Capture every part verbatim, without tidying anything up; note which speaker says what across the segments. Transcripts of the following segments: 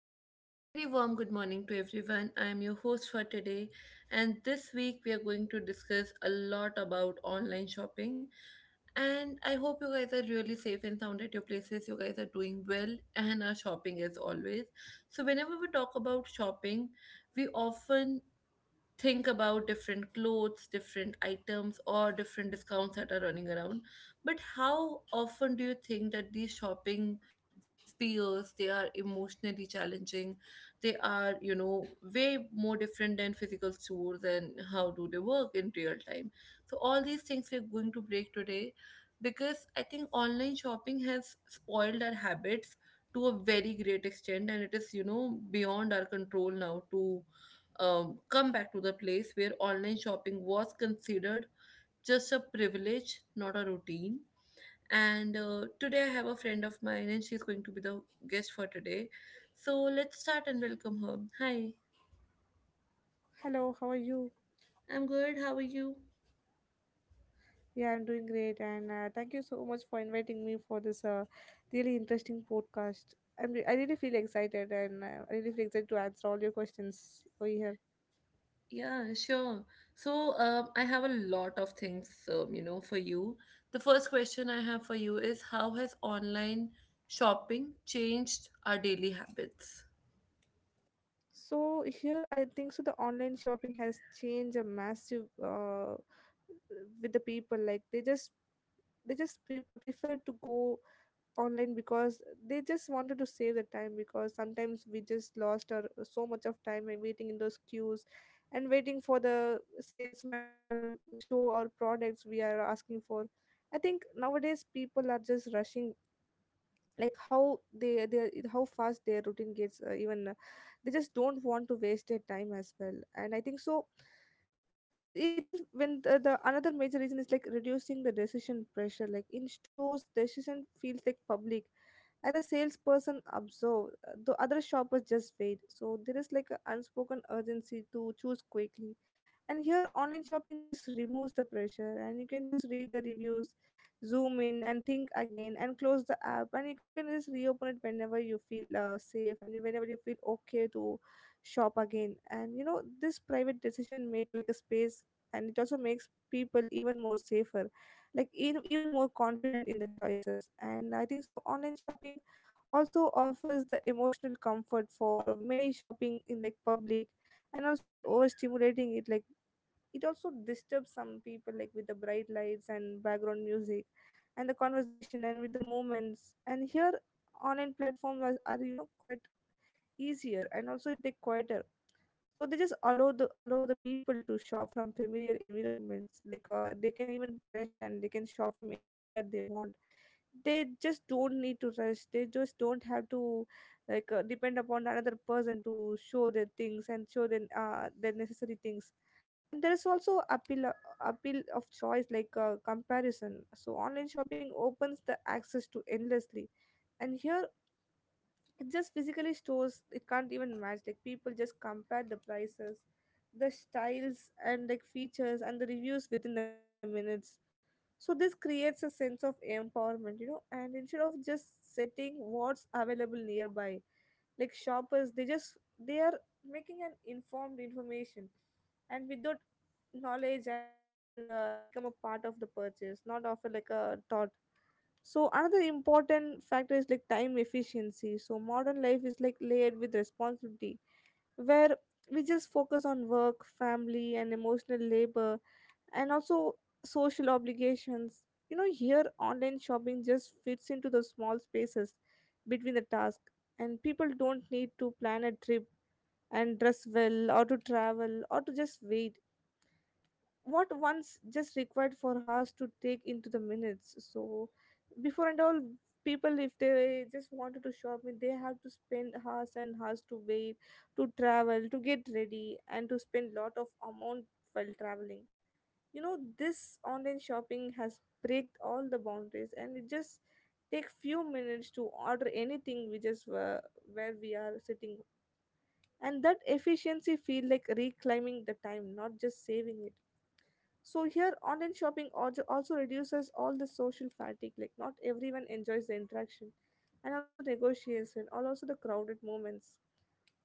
Speaker 1: Hello and very warm good morning to everyone. I am your host for today, and this week we are going to discuss a lot about online shopping. And I hope you guys are really safe and sound at your places. You guys are doing well and are shopping as always. So, whenever we talk about shopping, we often think about different clothes, different items, or different discounts that are running around. But how often do you think that these shopping spheres they are emotionally challenging? They are, you know, way more different than physical stores and how do they work in real time. So all these things we're going to break today because I think online shopping has spoiled our habits to a very great extent and it is you know beyond our control now to um, come back to the place where online shopping was considered just a privilege, not a routine. And uh, Today I have a friend of mine, and she's going to be the guest for today. So let's start and welcome her. Hi,
Speaker 2: Hello, how are you?
Speaker 1: I'm good. How are you?
Speaker 2: Yeah, I'm doing great, and uh, thank you so much for inviting me for this uh, really interesting podcast. I'm re- I really feel excited, and uh, I really feel excited to answer all your questions over here.
Speaker 1: Yeah, sure. So um, I have a lot of things, um, you know, for you. The first question I have for you is how has online shopping changed our daily habits?
Speaker 2: So here, I think so. The online shopping has changed a massive uh, with the people. Like they just they just pre- prefer to go online because they just wanted to save the time, because sometimes we just lost our so much of time in waiting in those queues and waiting for the salesman to show our products we are asking for. I think nowadays people are just rushing, like how they they how fast their routine gets, uh, even uh, they just don't want to waste their time as well. And I think so it it happens when the, the another major reason is like reducing the decision pressure, like in stores decision feels like public and the salesperson observed the other shoppers just wait, so there is like an unspoken urgency to choose quickly. And here online shopping just removes the pressure, and you can just read the reviews, zoom in and think again and close the app, and you can just reopen it whenever you feel uh, safe and whenever you feel okay to shop again. And you know, this private decision make like a space, and it also makes people even more safer, like in, even more confident in the choices. And I think so online shopping also offers the emotional comfort for many shopping in like public, and also by overstimulating it. Like it also disturbs some people, like with the bright lights and background music and the conversation and with the movements. And here online platforms are, are you know quite easier, and also they quieter, so they just allow the allow the people to shop from familiar environments, like uh, they can even rest and they can shop from anywhere they want. They just don't need to rush, they just don't have to like uh, depend upon another person to show their things and show their uh, their necessary things. And there is also appeal appeal of choice, like uh, comparison. So online shopping opens the access to endlessly, and here it just physically stores it can't even match. Like people just compare the prices, the styles and like features and the reviews within the minutes. So this creates a sense of empowerment, you know, and instead of just setting what's available nearby, like shoppers they just they are making an informed information and without knowledge, and uh, just become a part of the purchase, not of a, like a thought. So another important factor is like time efficiency. So modern life is like layered with responsibility, where we just focus on work, family and emotional labor, and also social obligations. You know, here online shopping just fits into the small spaces between the task, and people don't need to plan a trip and dress well or to travel or to just wait what once just required for us to take into the minutes. So before and all, people if they just wanted to shop me, they have to spend hours and hours to wait, to travel, to get ready and to spend lot of amount while traveling. You know this online shopping has break all the boundaries, and it just take few minutes to order anything we just were where we are sitting. And that efficiency feel like reclaiming the time, not just saving it. So here online shopping also also reduces all the social fatigue, like not everyone enjoys the interaction and also negotiation or also the crowded moments.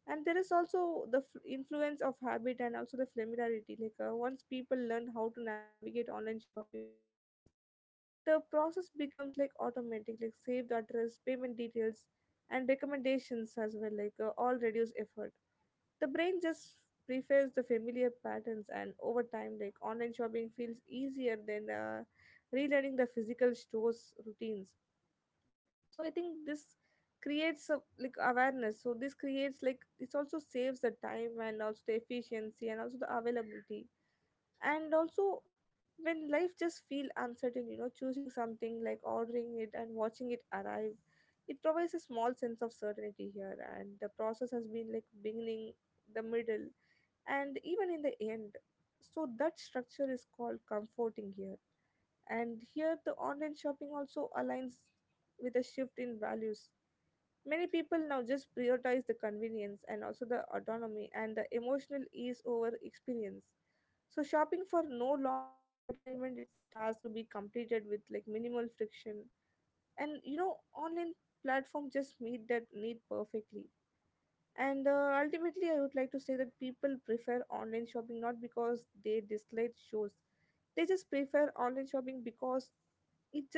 Speaker 2: And there is also the f- influence of habit and also the familiarity, like uh, once people learn how to navigate online shopping platforms the process becomes like automatic, like save the address, payment details and recommendations as well, like uh, all reduce effort. The brain just prefers the familiar patterns, and over time, like online shopping feels easier than uh, relearning the physical stores routines. So I think this creates a, like awareness. So this creates like this also saves the time and also the efficiency and also the availability, and also when life just feel uncertain, you know, choosing something like ordering it and watching it arrive, it provides a small sense of certainty here, and the process has been like beginning, the middle and even in the end. So that structure is called comforting here. And here the online shopping also aligns with a shift in values. Many people now just prioritize the convenience and also the autonomy and the emotional ease over experience. So shopping for no longer entertainment, it's a task to be completed with like minimal friction. And you know, online platform just meet that need perfectly. And uh, ultimately, I would like to say that people prefer online shopping not because they dislike shows, they just prefer online shopping because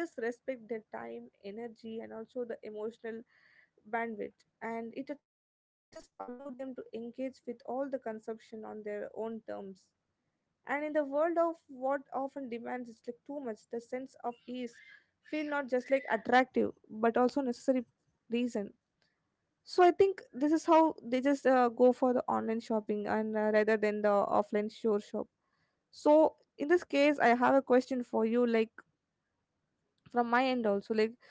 Speaker 2: it just respects their time, energy, and also the emotional bandwidth. And it just allow them to engage with all the consumption on their own terms. And in the world of what often demands is like too much, the sense of ease feel not just like attractive but also necessary reason. So I think this is how they just uh, go for the online shopping, and uh, rather than the offline store shop. So in this case, I have a question for you, like from my end also, like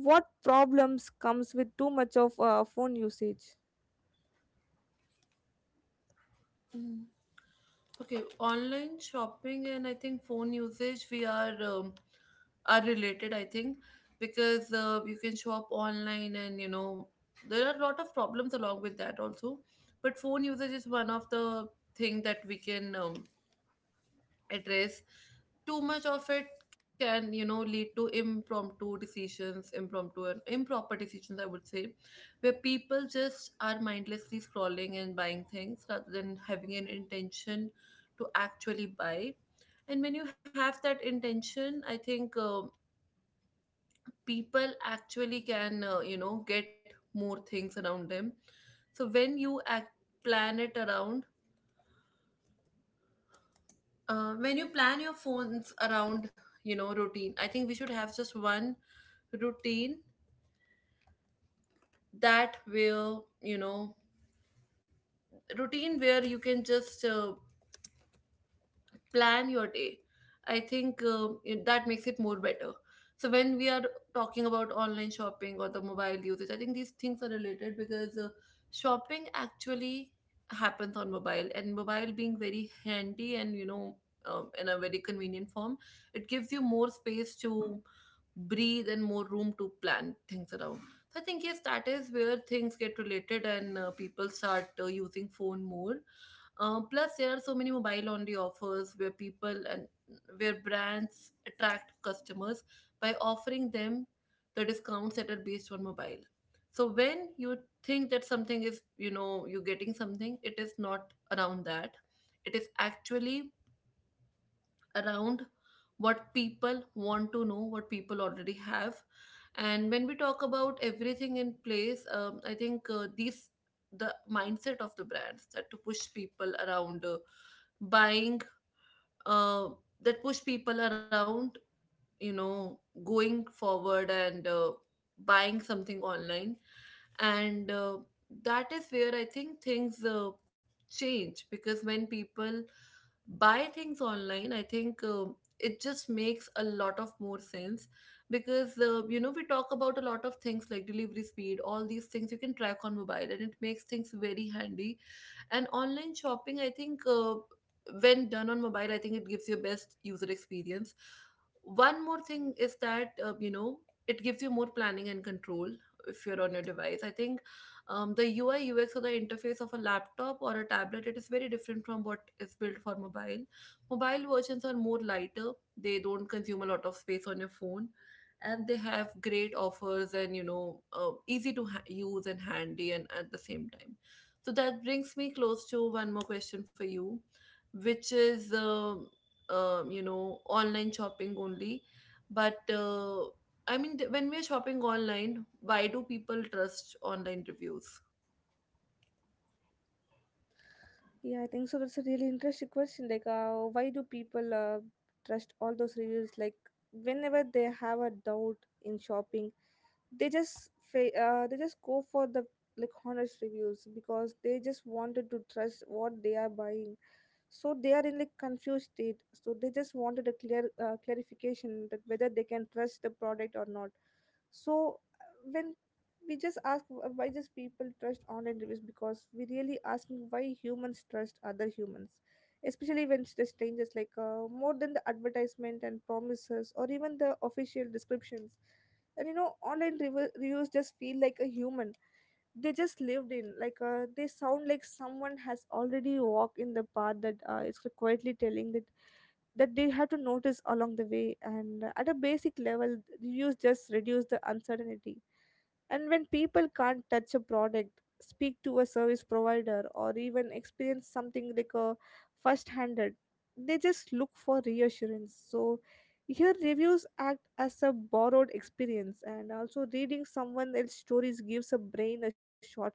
Speaker 2: what problems comes with too much of uh, phone usage?
Speaker 1: Mm. Okay, online shopping and I think phone usage we are um, are related. I think because uh, you can shop online and you know there are a lot of problems along with that also. But phone usage is one of the thing that we can um, address too much of it can, you know, lead to impromptu decisions, impromptu and improper decisions I would say, where people just are mindlessly scrolling and buying things rather than having an intention to actually buy. And when you have that intention I think, um, people actually can uh, you know get more things around them. So when you act plan it around, uh, when you plan your phones around, you know, routine. I think we should have just one routine that will you know routine where you can just uh, plan your day. I think uh, it- that makes it more better. So when we are talking about online shopping or the mobile usage I think these things are related because uh, shopping actually happens on mobile, and mobile being very handy and you know um, in a very convenient form it gives you more space to breathe and more room to plan things around. So I think yes, that is where things get related and uh, people start uh, using phone more. Uh, plus, there are so many mobile only offers where people and where brands attract customers by offering them the discounts that are based on mobile. So when you think that something is, you know, you're getting something, it is not around that. It is actually around what people want to know, what people already have. And when we talk about everything in place, um, I think uh, these the mindset of the brands that to push people around uh, buying, uh, that push people around, you know, going forward and uh, buying something online and uh, that is where I think things uh, change, because when people buy things online I think uh, it just makes a lot of more sense because uh, you know we talk about a lot of things like delivery speed, all these things you can track on mobile, and it makes things very handy. And online shopping I think uh, when done on mobile I think it gives you best user experience. One more thing is that uh, you know it gives you more planning and control if you're on your device. I think, um, the U I U X or the interface of a laptop or a tablet it is very different from what is built for mobile. Mobile versions are more lighter. They don't consume a lot of space on your phone, and they have great offers and you know uh, easy to ha- use and handy and at the same time. So that brings me close to one more question for you, which is um um, you know online shopping only but uh, I mean, th- when we're shopping online, why do people trust online reviews?
Speaker 2: Yeah, I think so. That's a really interesting question. Like, uh, why do people uh, trust all those reviews? Like, whenever they have a doubt in shopping they just fa- uh, they just go for the like honest reviews, because they just wanted to trust what they are buying. So they are in like confused state, so they just wanted a clear uh, clarification that whether they can trust the product or not. So uh, when we just ask uh, why just people trust online reviews, because we really asking why humans trust other humans, especially when it's the strangers, like uh, more than the advertisement and promises or even the official descriptions. And you know online rev- reviews just feel like a human. They just lived in like uh, they sound like someone has already walked in the path that uh, it's quietly telling that that they have to notice along the way. And uh, at a basic level reviews just reduce the uncertainty. And when people can't touch a product, speak to a service provider or even experience something like a first handed, they just look for reassurance. So here reviews act as a borrowed experience, and also reading someone else's stories gives a brain a shortcut.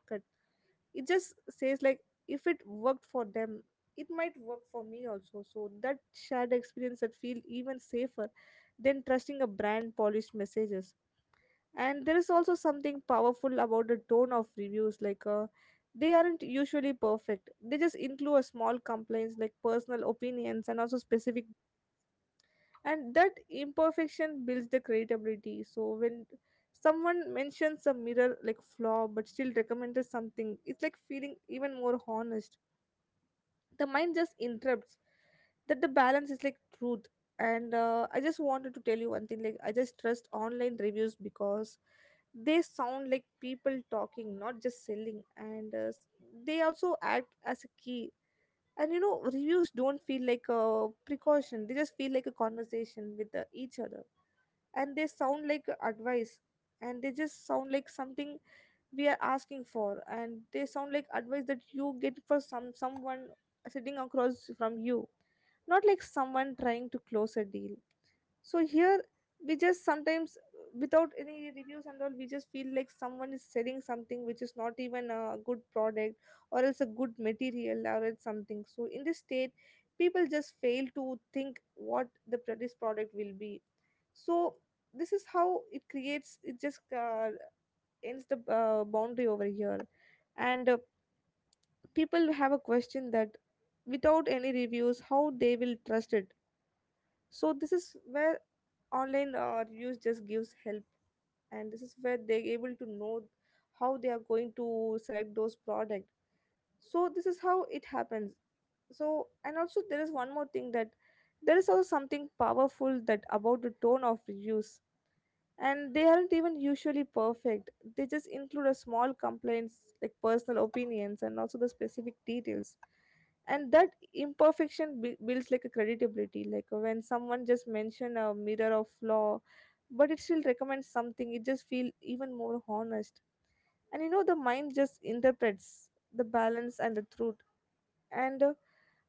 Speaker 2: It just says like if it worked for them, it might work for me also. So that shared experience that feel even safer than trusting a brand polished messages. And there is also something powerful about the tone of reviews, like uh, they aren't usually perfect, they just include a small complaints like personal opinions and also specific, and that imperfection builds the credibility. So when someone mentions a mirror like flaw but still recommended something, it's like feeling even more honest. The mind just interrupts that the balance is like truth. And uh, I just wanted to tell you one thing, like I just trust online reviews because they sound like people talking, not just selling. And uh, s- they also act as a key. And you know reviews don't feel like a precaution, they just feel like a conversation with uh, each other, and they sound like advice, and they just sound like something we are asking for. And they sound like advice that you get for some someone sitting across from you, not like someone trying to close a deal. So here we just sometimes uh, without any reviews and all we just feel like someone is selling something which is not even a good product or else a good material or else something. So in this state people just fail to think what the pro- this product will be. So this is how it creates, it just uh, ends the uh, boundary over here. And uh, people have a question that without any reviews how they will trust it. So this is where online uh, reviews just gives help, and this is where they're able to know how they are going to select those product. So this is how it happens. So and also there is one more thing, that there is also something powerful that about the tone of reviews, and they aren't even usually perfect, they just include a small complaints like personal opinions and also the specific details. And that imperfection b- builds like a credibility, like uh, when someone just mention a mirror of flaw but it still recommends something, it just feel even more honest, and you know the mind just interprets the balance and the truth. and uh,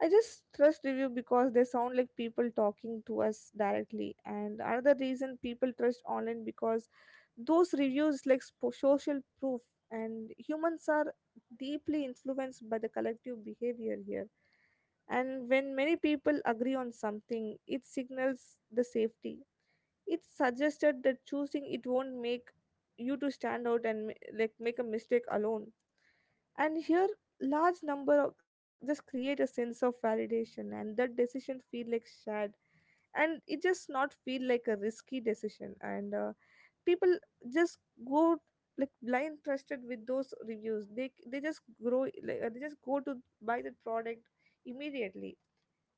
Speaker 2: i just trust review because they sound like people talking to us directly. And another reason people trust online because those reviews like spo- social proof, and humans are deeply influenced by the collective behavior here. And when many people agree on something, it signals the safety. It's suggested that choosing it won't make you to stand out and ma- like make a mistake alone. And here, large number of just create a sense of validation, and that decision feel like shared, and it just not feel like a risky decision. And uh, people just go like blind trusted with those reviews. They they just grow like uh, they just go to buy the product immediately.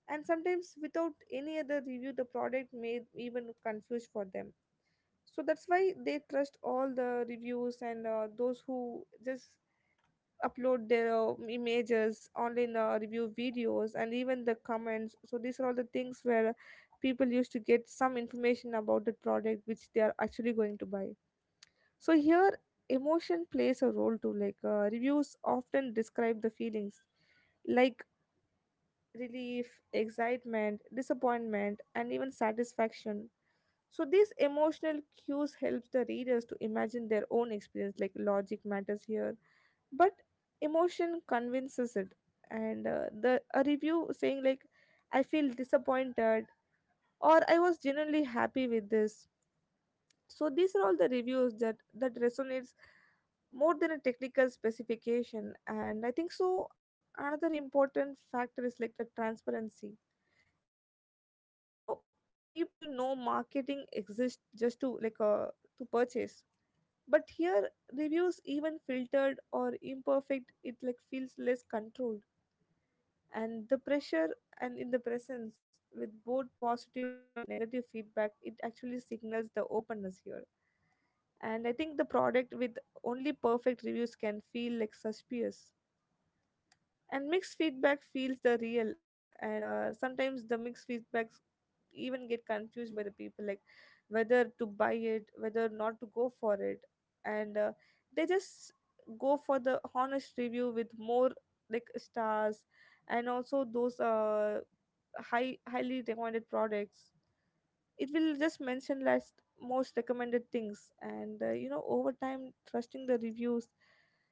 Speaker 2: And sometimes without any other review the product may even confuse for them, so that's why they trust all the reviews. And uh, those who just upload their uh, images online, uh, review videos and even the comments, so these are all the things where people used to get some information about the product which they are actually going to buy. So here emotion plays a role too, like uh, reviews often describe the feelings like relief, excitement, disappointment, and even satisfaction. So these emotional cues helps the readers to imagine their own experience. Like logic matters here, but emotion convinces it. And uh, the a review saying like, I feel disappointed, or I was genuinely happy with this. So these are all the reviews that that resonates more than a technical specification. And I think so another important factor is like the transparency. And you know, people know marketing exists just to like uh, to purchase. But here reviews, even filtered or imperfect, it like feels less controlled and the pressure. And in the presence with both positive and negative feedback, it actually signals the openness here. And I think the product with only perfect reviews can feel like suspicious, and mixed feedback feels the real. And uh, sometimes the mixed feedbacks even get confused by the people, like whether to buy it, whether not to go for it. And uh, they just go for the honest review with more like stars. And also those uh high highly recommended products, it will just mention last most recommended things. And uh, you know, over time trusting the reviews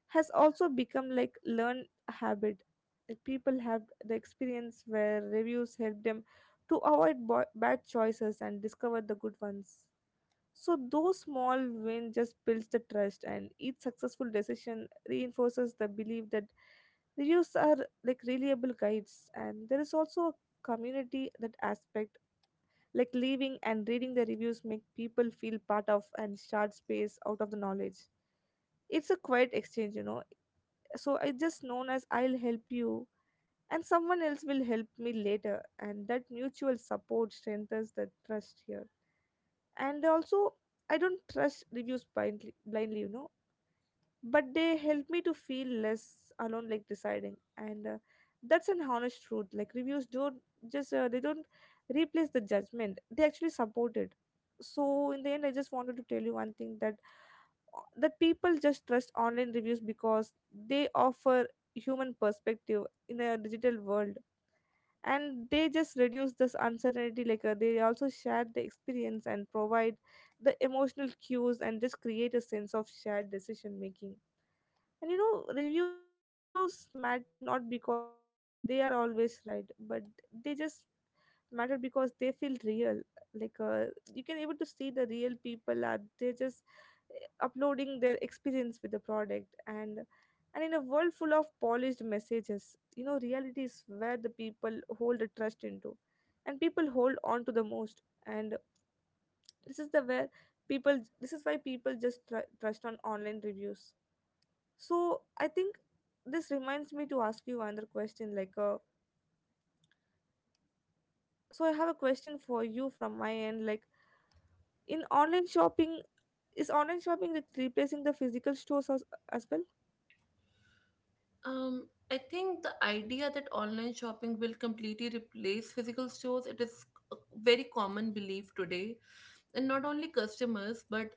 Speaker 2: has also become like learned habit. Like, people have the experience where reviews help them to avoid bo- bad choices and discover the good ones. So those small win just builds the trust, and each successful decision reinforces the belief that reviews are like reliable guides. And there is also a community that aspect, like leaving and reading the reviews make people feel part of and start space out of the knowledge. It's a quiet exchange, you know. So it's just known as, I'll help you and someone else will help me later, and that mutual support strengthens the trust here. And also, I don't trust reviews blindly, blindly, you know, but they help me to feel less alone like deciding. And uh, that's an honest truth, like reviews don't just uh, they don't replace the judgment, they actually support it. So in the end, I just wanted to tell you one thing, that uh, that people just trust online reviews because they offer human perspective in a digital world, and they just reduce this uncertainty, like uh, they also share the experience and provide the emotional cues, and just create a sense of shared decision making. And you know, reviews matter not because they are always right, but they just matter because they feel real. Like uh, you can able to see the real people are, they just eh, uploading their experience with the product. and and in a world full of polished messages, you know, reality is where the people hold the trust into and people hold on to the most. And this is the where people this is why people just tr- trust on online reviews. So I think this reminds me to ask you another question. Like, uh, so I have a question for you from my end. Like, in online shopping, is online shopping re- replacing the physical stores as, as well?
Speaker 1: Um, I think the idea that online shopping will completely replace physical stores, it is a very common belief today. And not only customers, but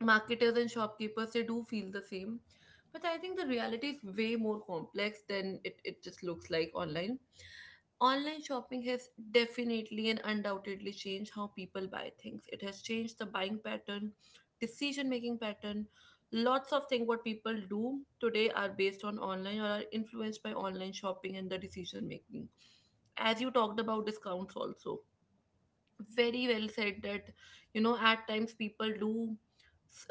Speaker 1: marketers and shopkeepers they do feel the same, but I think the reality is way more complex than it, it just looks like. Online online shopping has definitely and undoubtedly changed how people buy things. It has changed the buying pattern, decision making pattern. Lots of things what people do today are based on online or are influenced by online shopping and the decision making. As you talked about discounts also, very well said that, you know, at times people do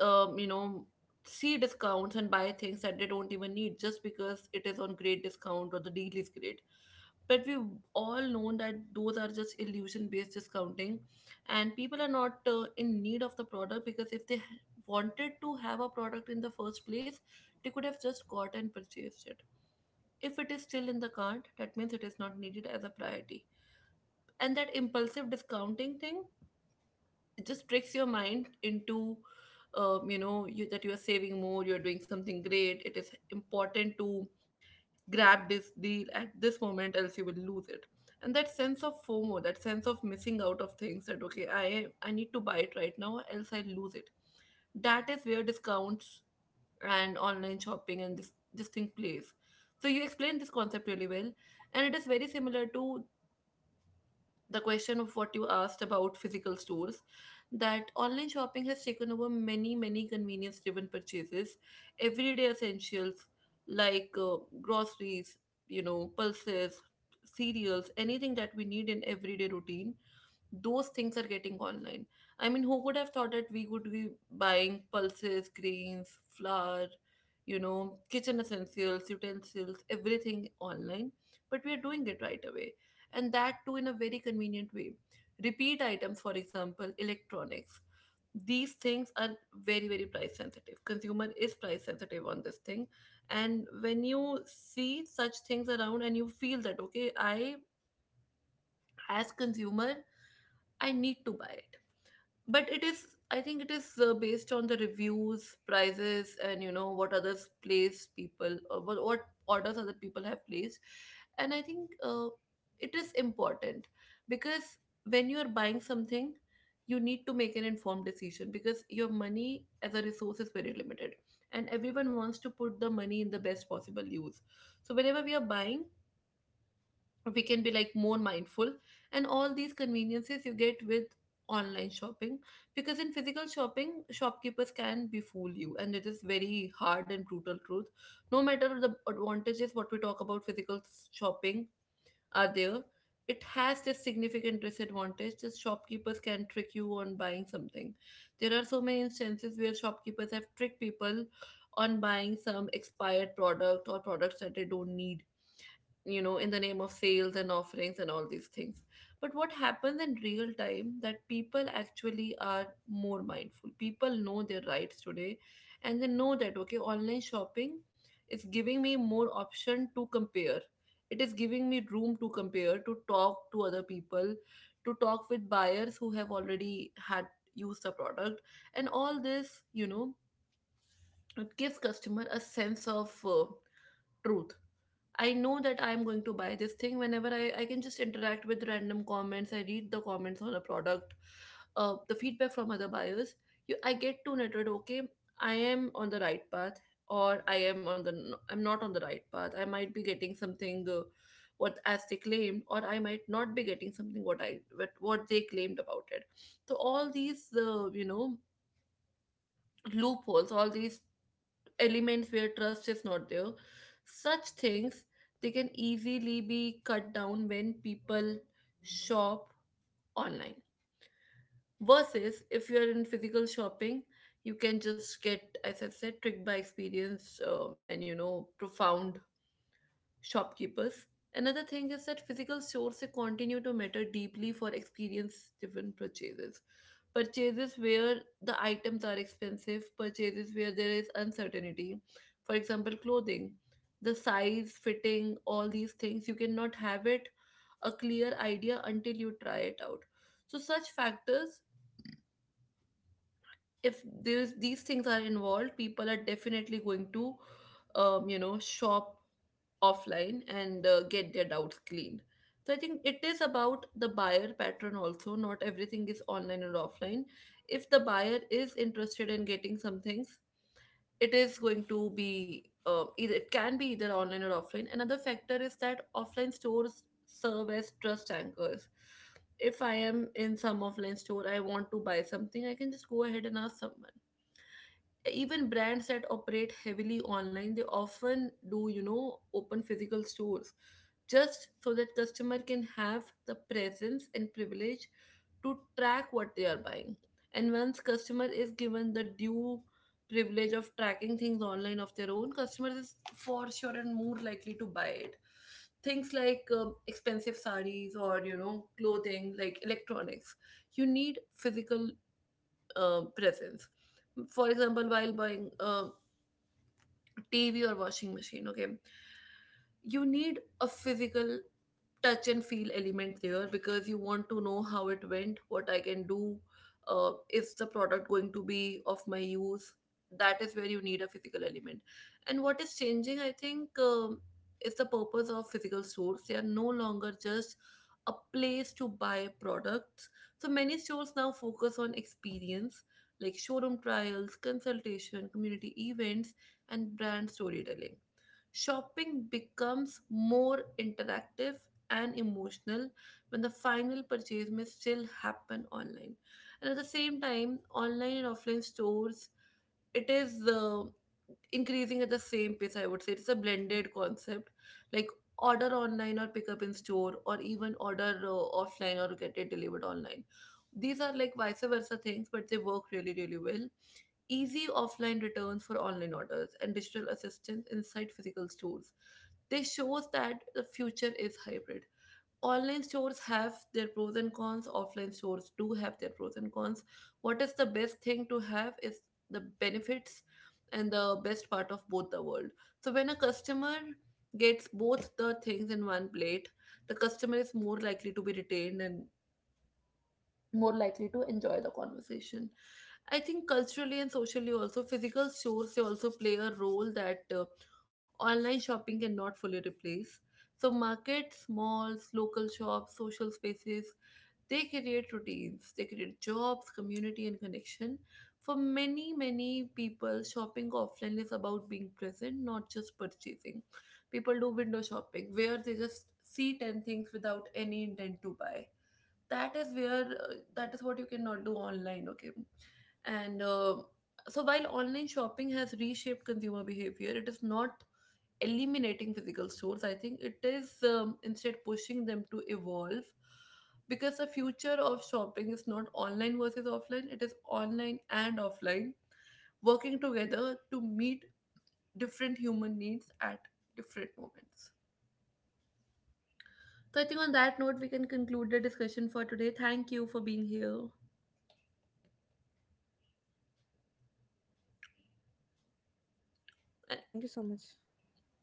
Speaker 1: um, you know see discounts and buy things that they don't even need just because it is on great discount or the deal is great. But we all know that those are just illusion based discounting, and people are not uh, in need of the product, because if they wanted to have a product in the first place they could have just got and purchased it. If it is still in the cart that means it is not needed as a priority. And that impulsive discounting thing, it just tricks your mind into, um, you know, you, that you are saving more, you're doing something great, it is important to grab this deal at this moment else you will lose it. And that sense of FOMO, that sense of missing out of things, that okay, i i need to buy it right now else I lose it, that is where discounts and online shopping and this this thing plays. So you explained this concept really well, and it is very similar to the question of what you asked about physical stores, that online shopping has taken over many many convenience driven purchases, everyday essentials like uh, groceries, you know, pulses, cereals, anything that we need in everyday routine, those things are getting online. I mean, who could have thought that we would be buying pulses, grains, flour, you know, kitchen essentials, utensils, everything online? But we are doing it right away. And that too in a very convenient way. Repeat items, for example, electronics. These things are very, very price sensitive. Consumer is price sensitive on this thing. And when you see such things around and you feel that, okay, I, as consumer, I need to buy, but it is, I think it is uh, based on the reviews, prices, and you know what others place people or what, what orders other people have placed. And I think uh, it is important because when you are buying something you need to make an informed decision, because your money as a resource is very limited and everyone wants to put the money in the best possible use. So whenever we are buying we can be like more mindful, and all these conveniences you get with online shopping, because in physical shopping shopkeepers can befool you, and it is very hard and brutal truth. No matter the advantages what we talk about physical s- shopping are there, it has this significant disadvantage that shopkeepers can trick you on buying something. There are so many instances where shopkeepers have tricked people on buying some expired product or products that they don't need, you know, in the name of sales and offerings and all these things. But what happens in real time that people actually are more mindful, people know their rights today, and they know that okay online shopping is giving me more option to compare, it is giving me room to compare, to talk to other people, to talk with buyers who have already had used the product. And all this, you know, it gives customer a sense of uh, truth. I know that I'm going to buy this thing whenever I, I can just interact with random comments. I read the comments on a product, uh, the feedback from other buyers. You, I get to netted, okay, I am on the right path, or I am on the, I'm not on the right path. I might be getting something uh, what as they claimed, or I might not be getting something what I, what, what they claimed about it. So all these, uh, you know, loopholes, all these elements where trust is not there, such things they can easily be cut down when people shop online, versus if you are in physical shopping you can just get, as I said, tricked by experience um, and you know profound shopkeepers. Another thing is that physical stores they continue to matter deeply for experience-driven purchases. Purchases where the items are expensive, purchases where there is uncertainty. For example, clothing, the size, fitting, all these things, you cannot have it a clear idea until you try it out. So such factors, if there's, these things are involved, people are definitely going to, um, you know, shop offline and uh, get their doubts cleaned. So I think it is about the buyer pattern also. Not everything is online or offline. If the buyer is interested in getting some things, it is going to be uh, either it can be either online or offline. Another factor is that offline stores serve as trust anchors. If I am in some offline store, I want to buy something, I can just go ahead and ask someone. Even brands that operate heavily online, they often do you know open physical stores just so that customer can have the presence and privilege to track what they are buying. And once customer is given the due privilege of tracking things online of their own, customer is for sure and more likely to buy it. Things like um, expensive saris or you know clothing, like electronics, you need physical uh, presence. For example, while buying uh, T V or washing machine, okay? You need a physical touch and feel element there because you want to know how it went, what I can do, uh, is the product going to be of my use? That is where you need a physical element. And what is changing, I think, um, is the purpose of physical stores. They are no longer just a place to buy products. So many stores now focus on experience like showroom trials, consultation, community events, and brand storytelling. Shopping becomes more interactive and emotional when the final purchase may still happen online. And at the same time, online and offline stores, it is uh, increasing at the same pace, I would say. It's a blended concept. Like order online or pick up in store, or even order uh, offline or get it delivered online. These are like vice versa things, but they work really, really well. Easy offline returns for online orders and digital assistance inside physical stores. This shows that the future is hybrid. Online stores have their pros and cons, offline stores do have their pros and cons. What is the best thing to have is the benefits and the best part of both the world. So when a customer gets both the things in one plate, the customer is more likely to be retained and more likely to enjoy the conversation. I think culturally and socially also, physical stores, they also play a role that uh, online shopping cannot fully replace. So markets, malls, local shops, social spaces, they create routines, they create jobs, community and connection. For many, many people, shopping offline is about being present, not just purchasing. People do window shopping where they just see ten things without any intent to buy. That is where uh, that is what you cannot do online, okay? And uh, so while online shopping has reshaped consumer behavior, it is not eliminating physical stores. I think it is um, instead pushing them to evolve because the future of shopping is not online versus offline, it is online and offline working together to meet different human needs at different moments. So I think on that note, we can conclude the discussion for today. Thank you for being here.
Speaker 2: Yes, thank you so much.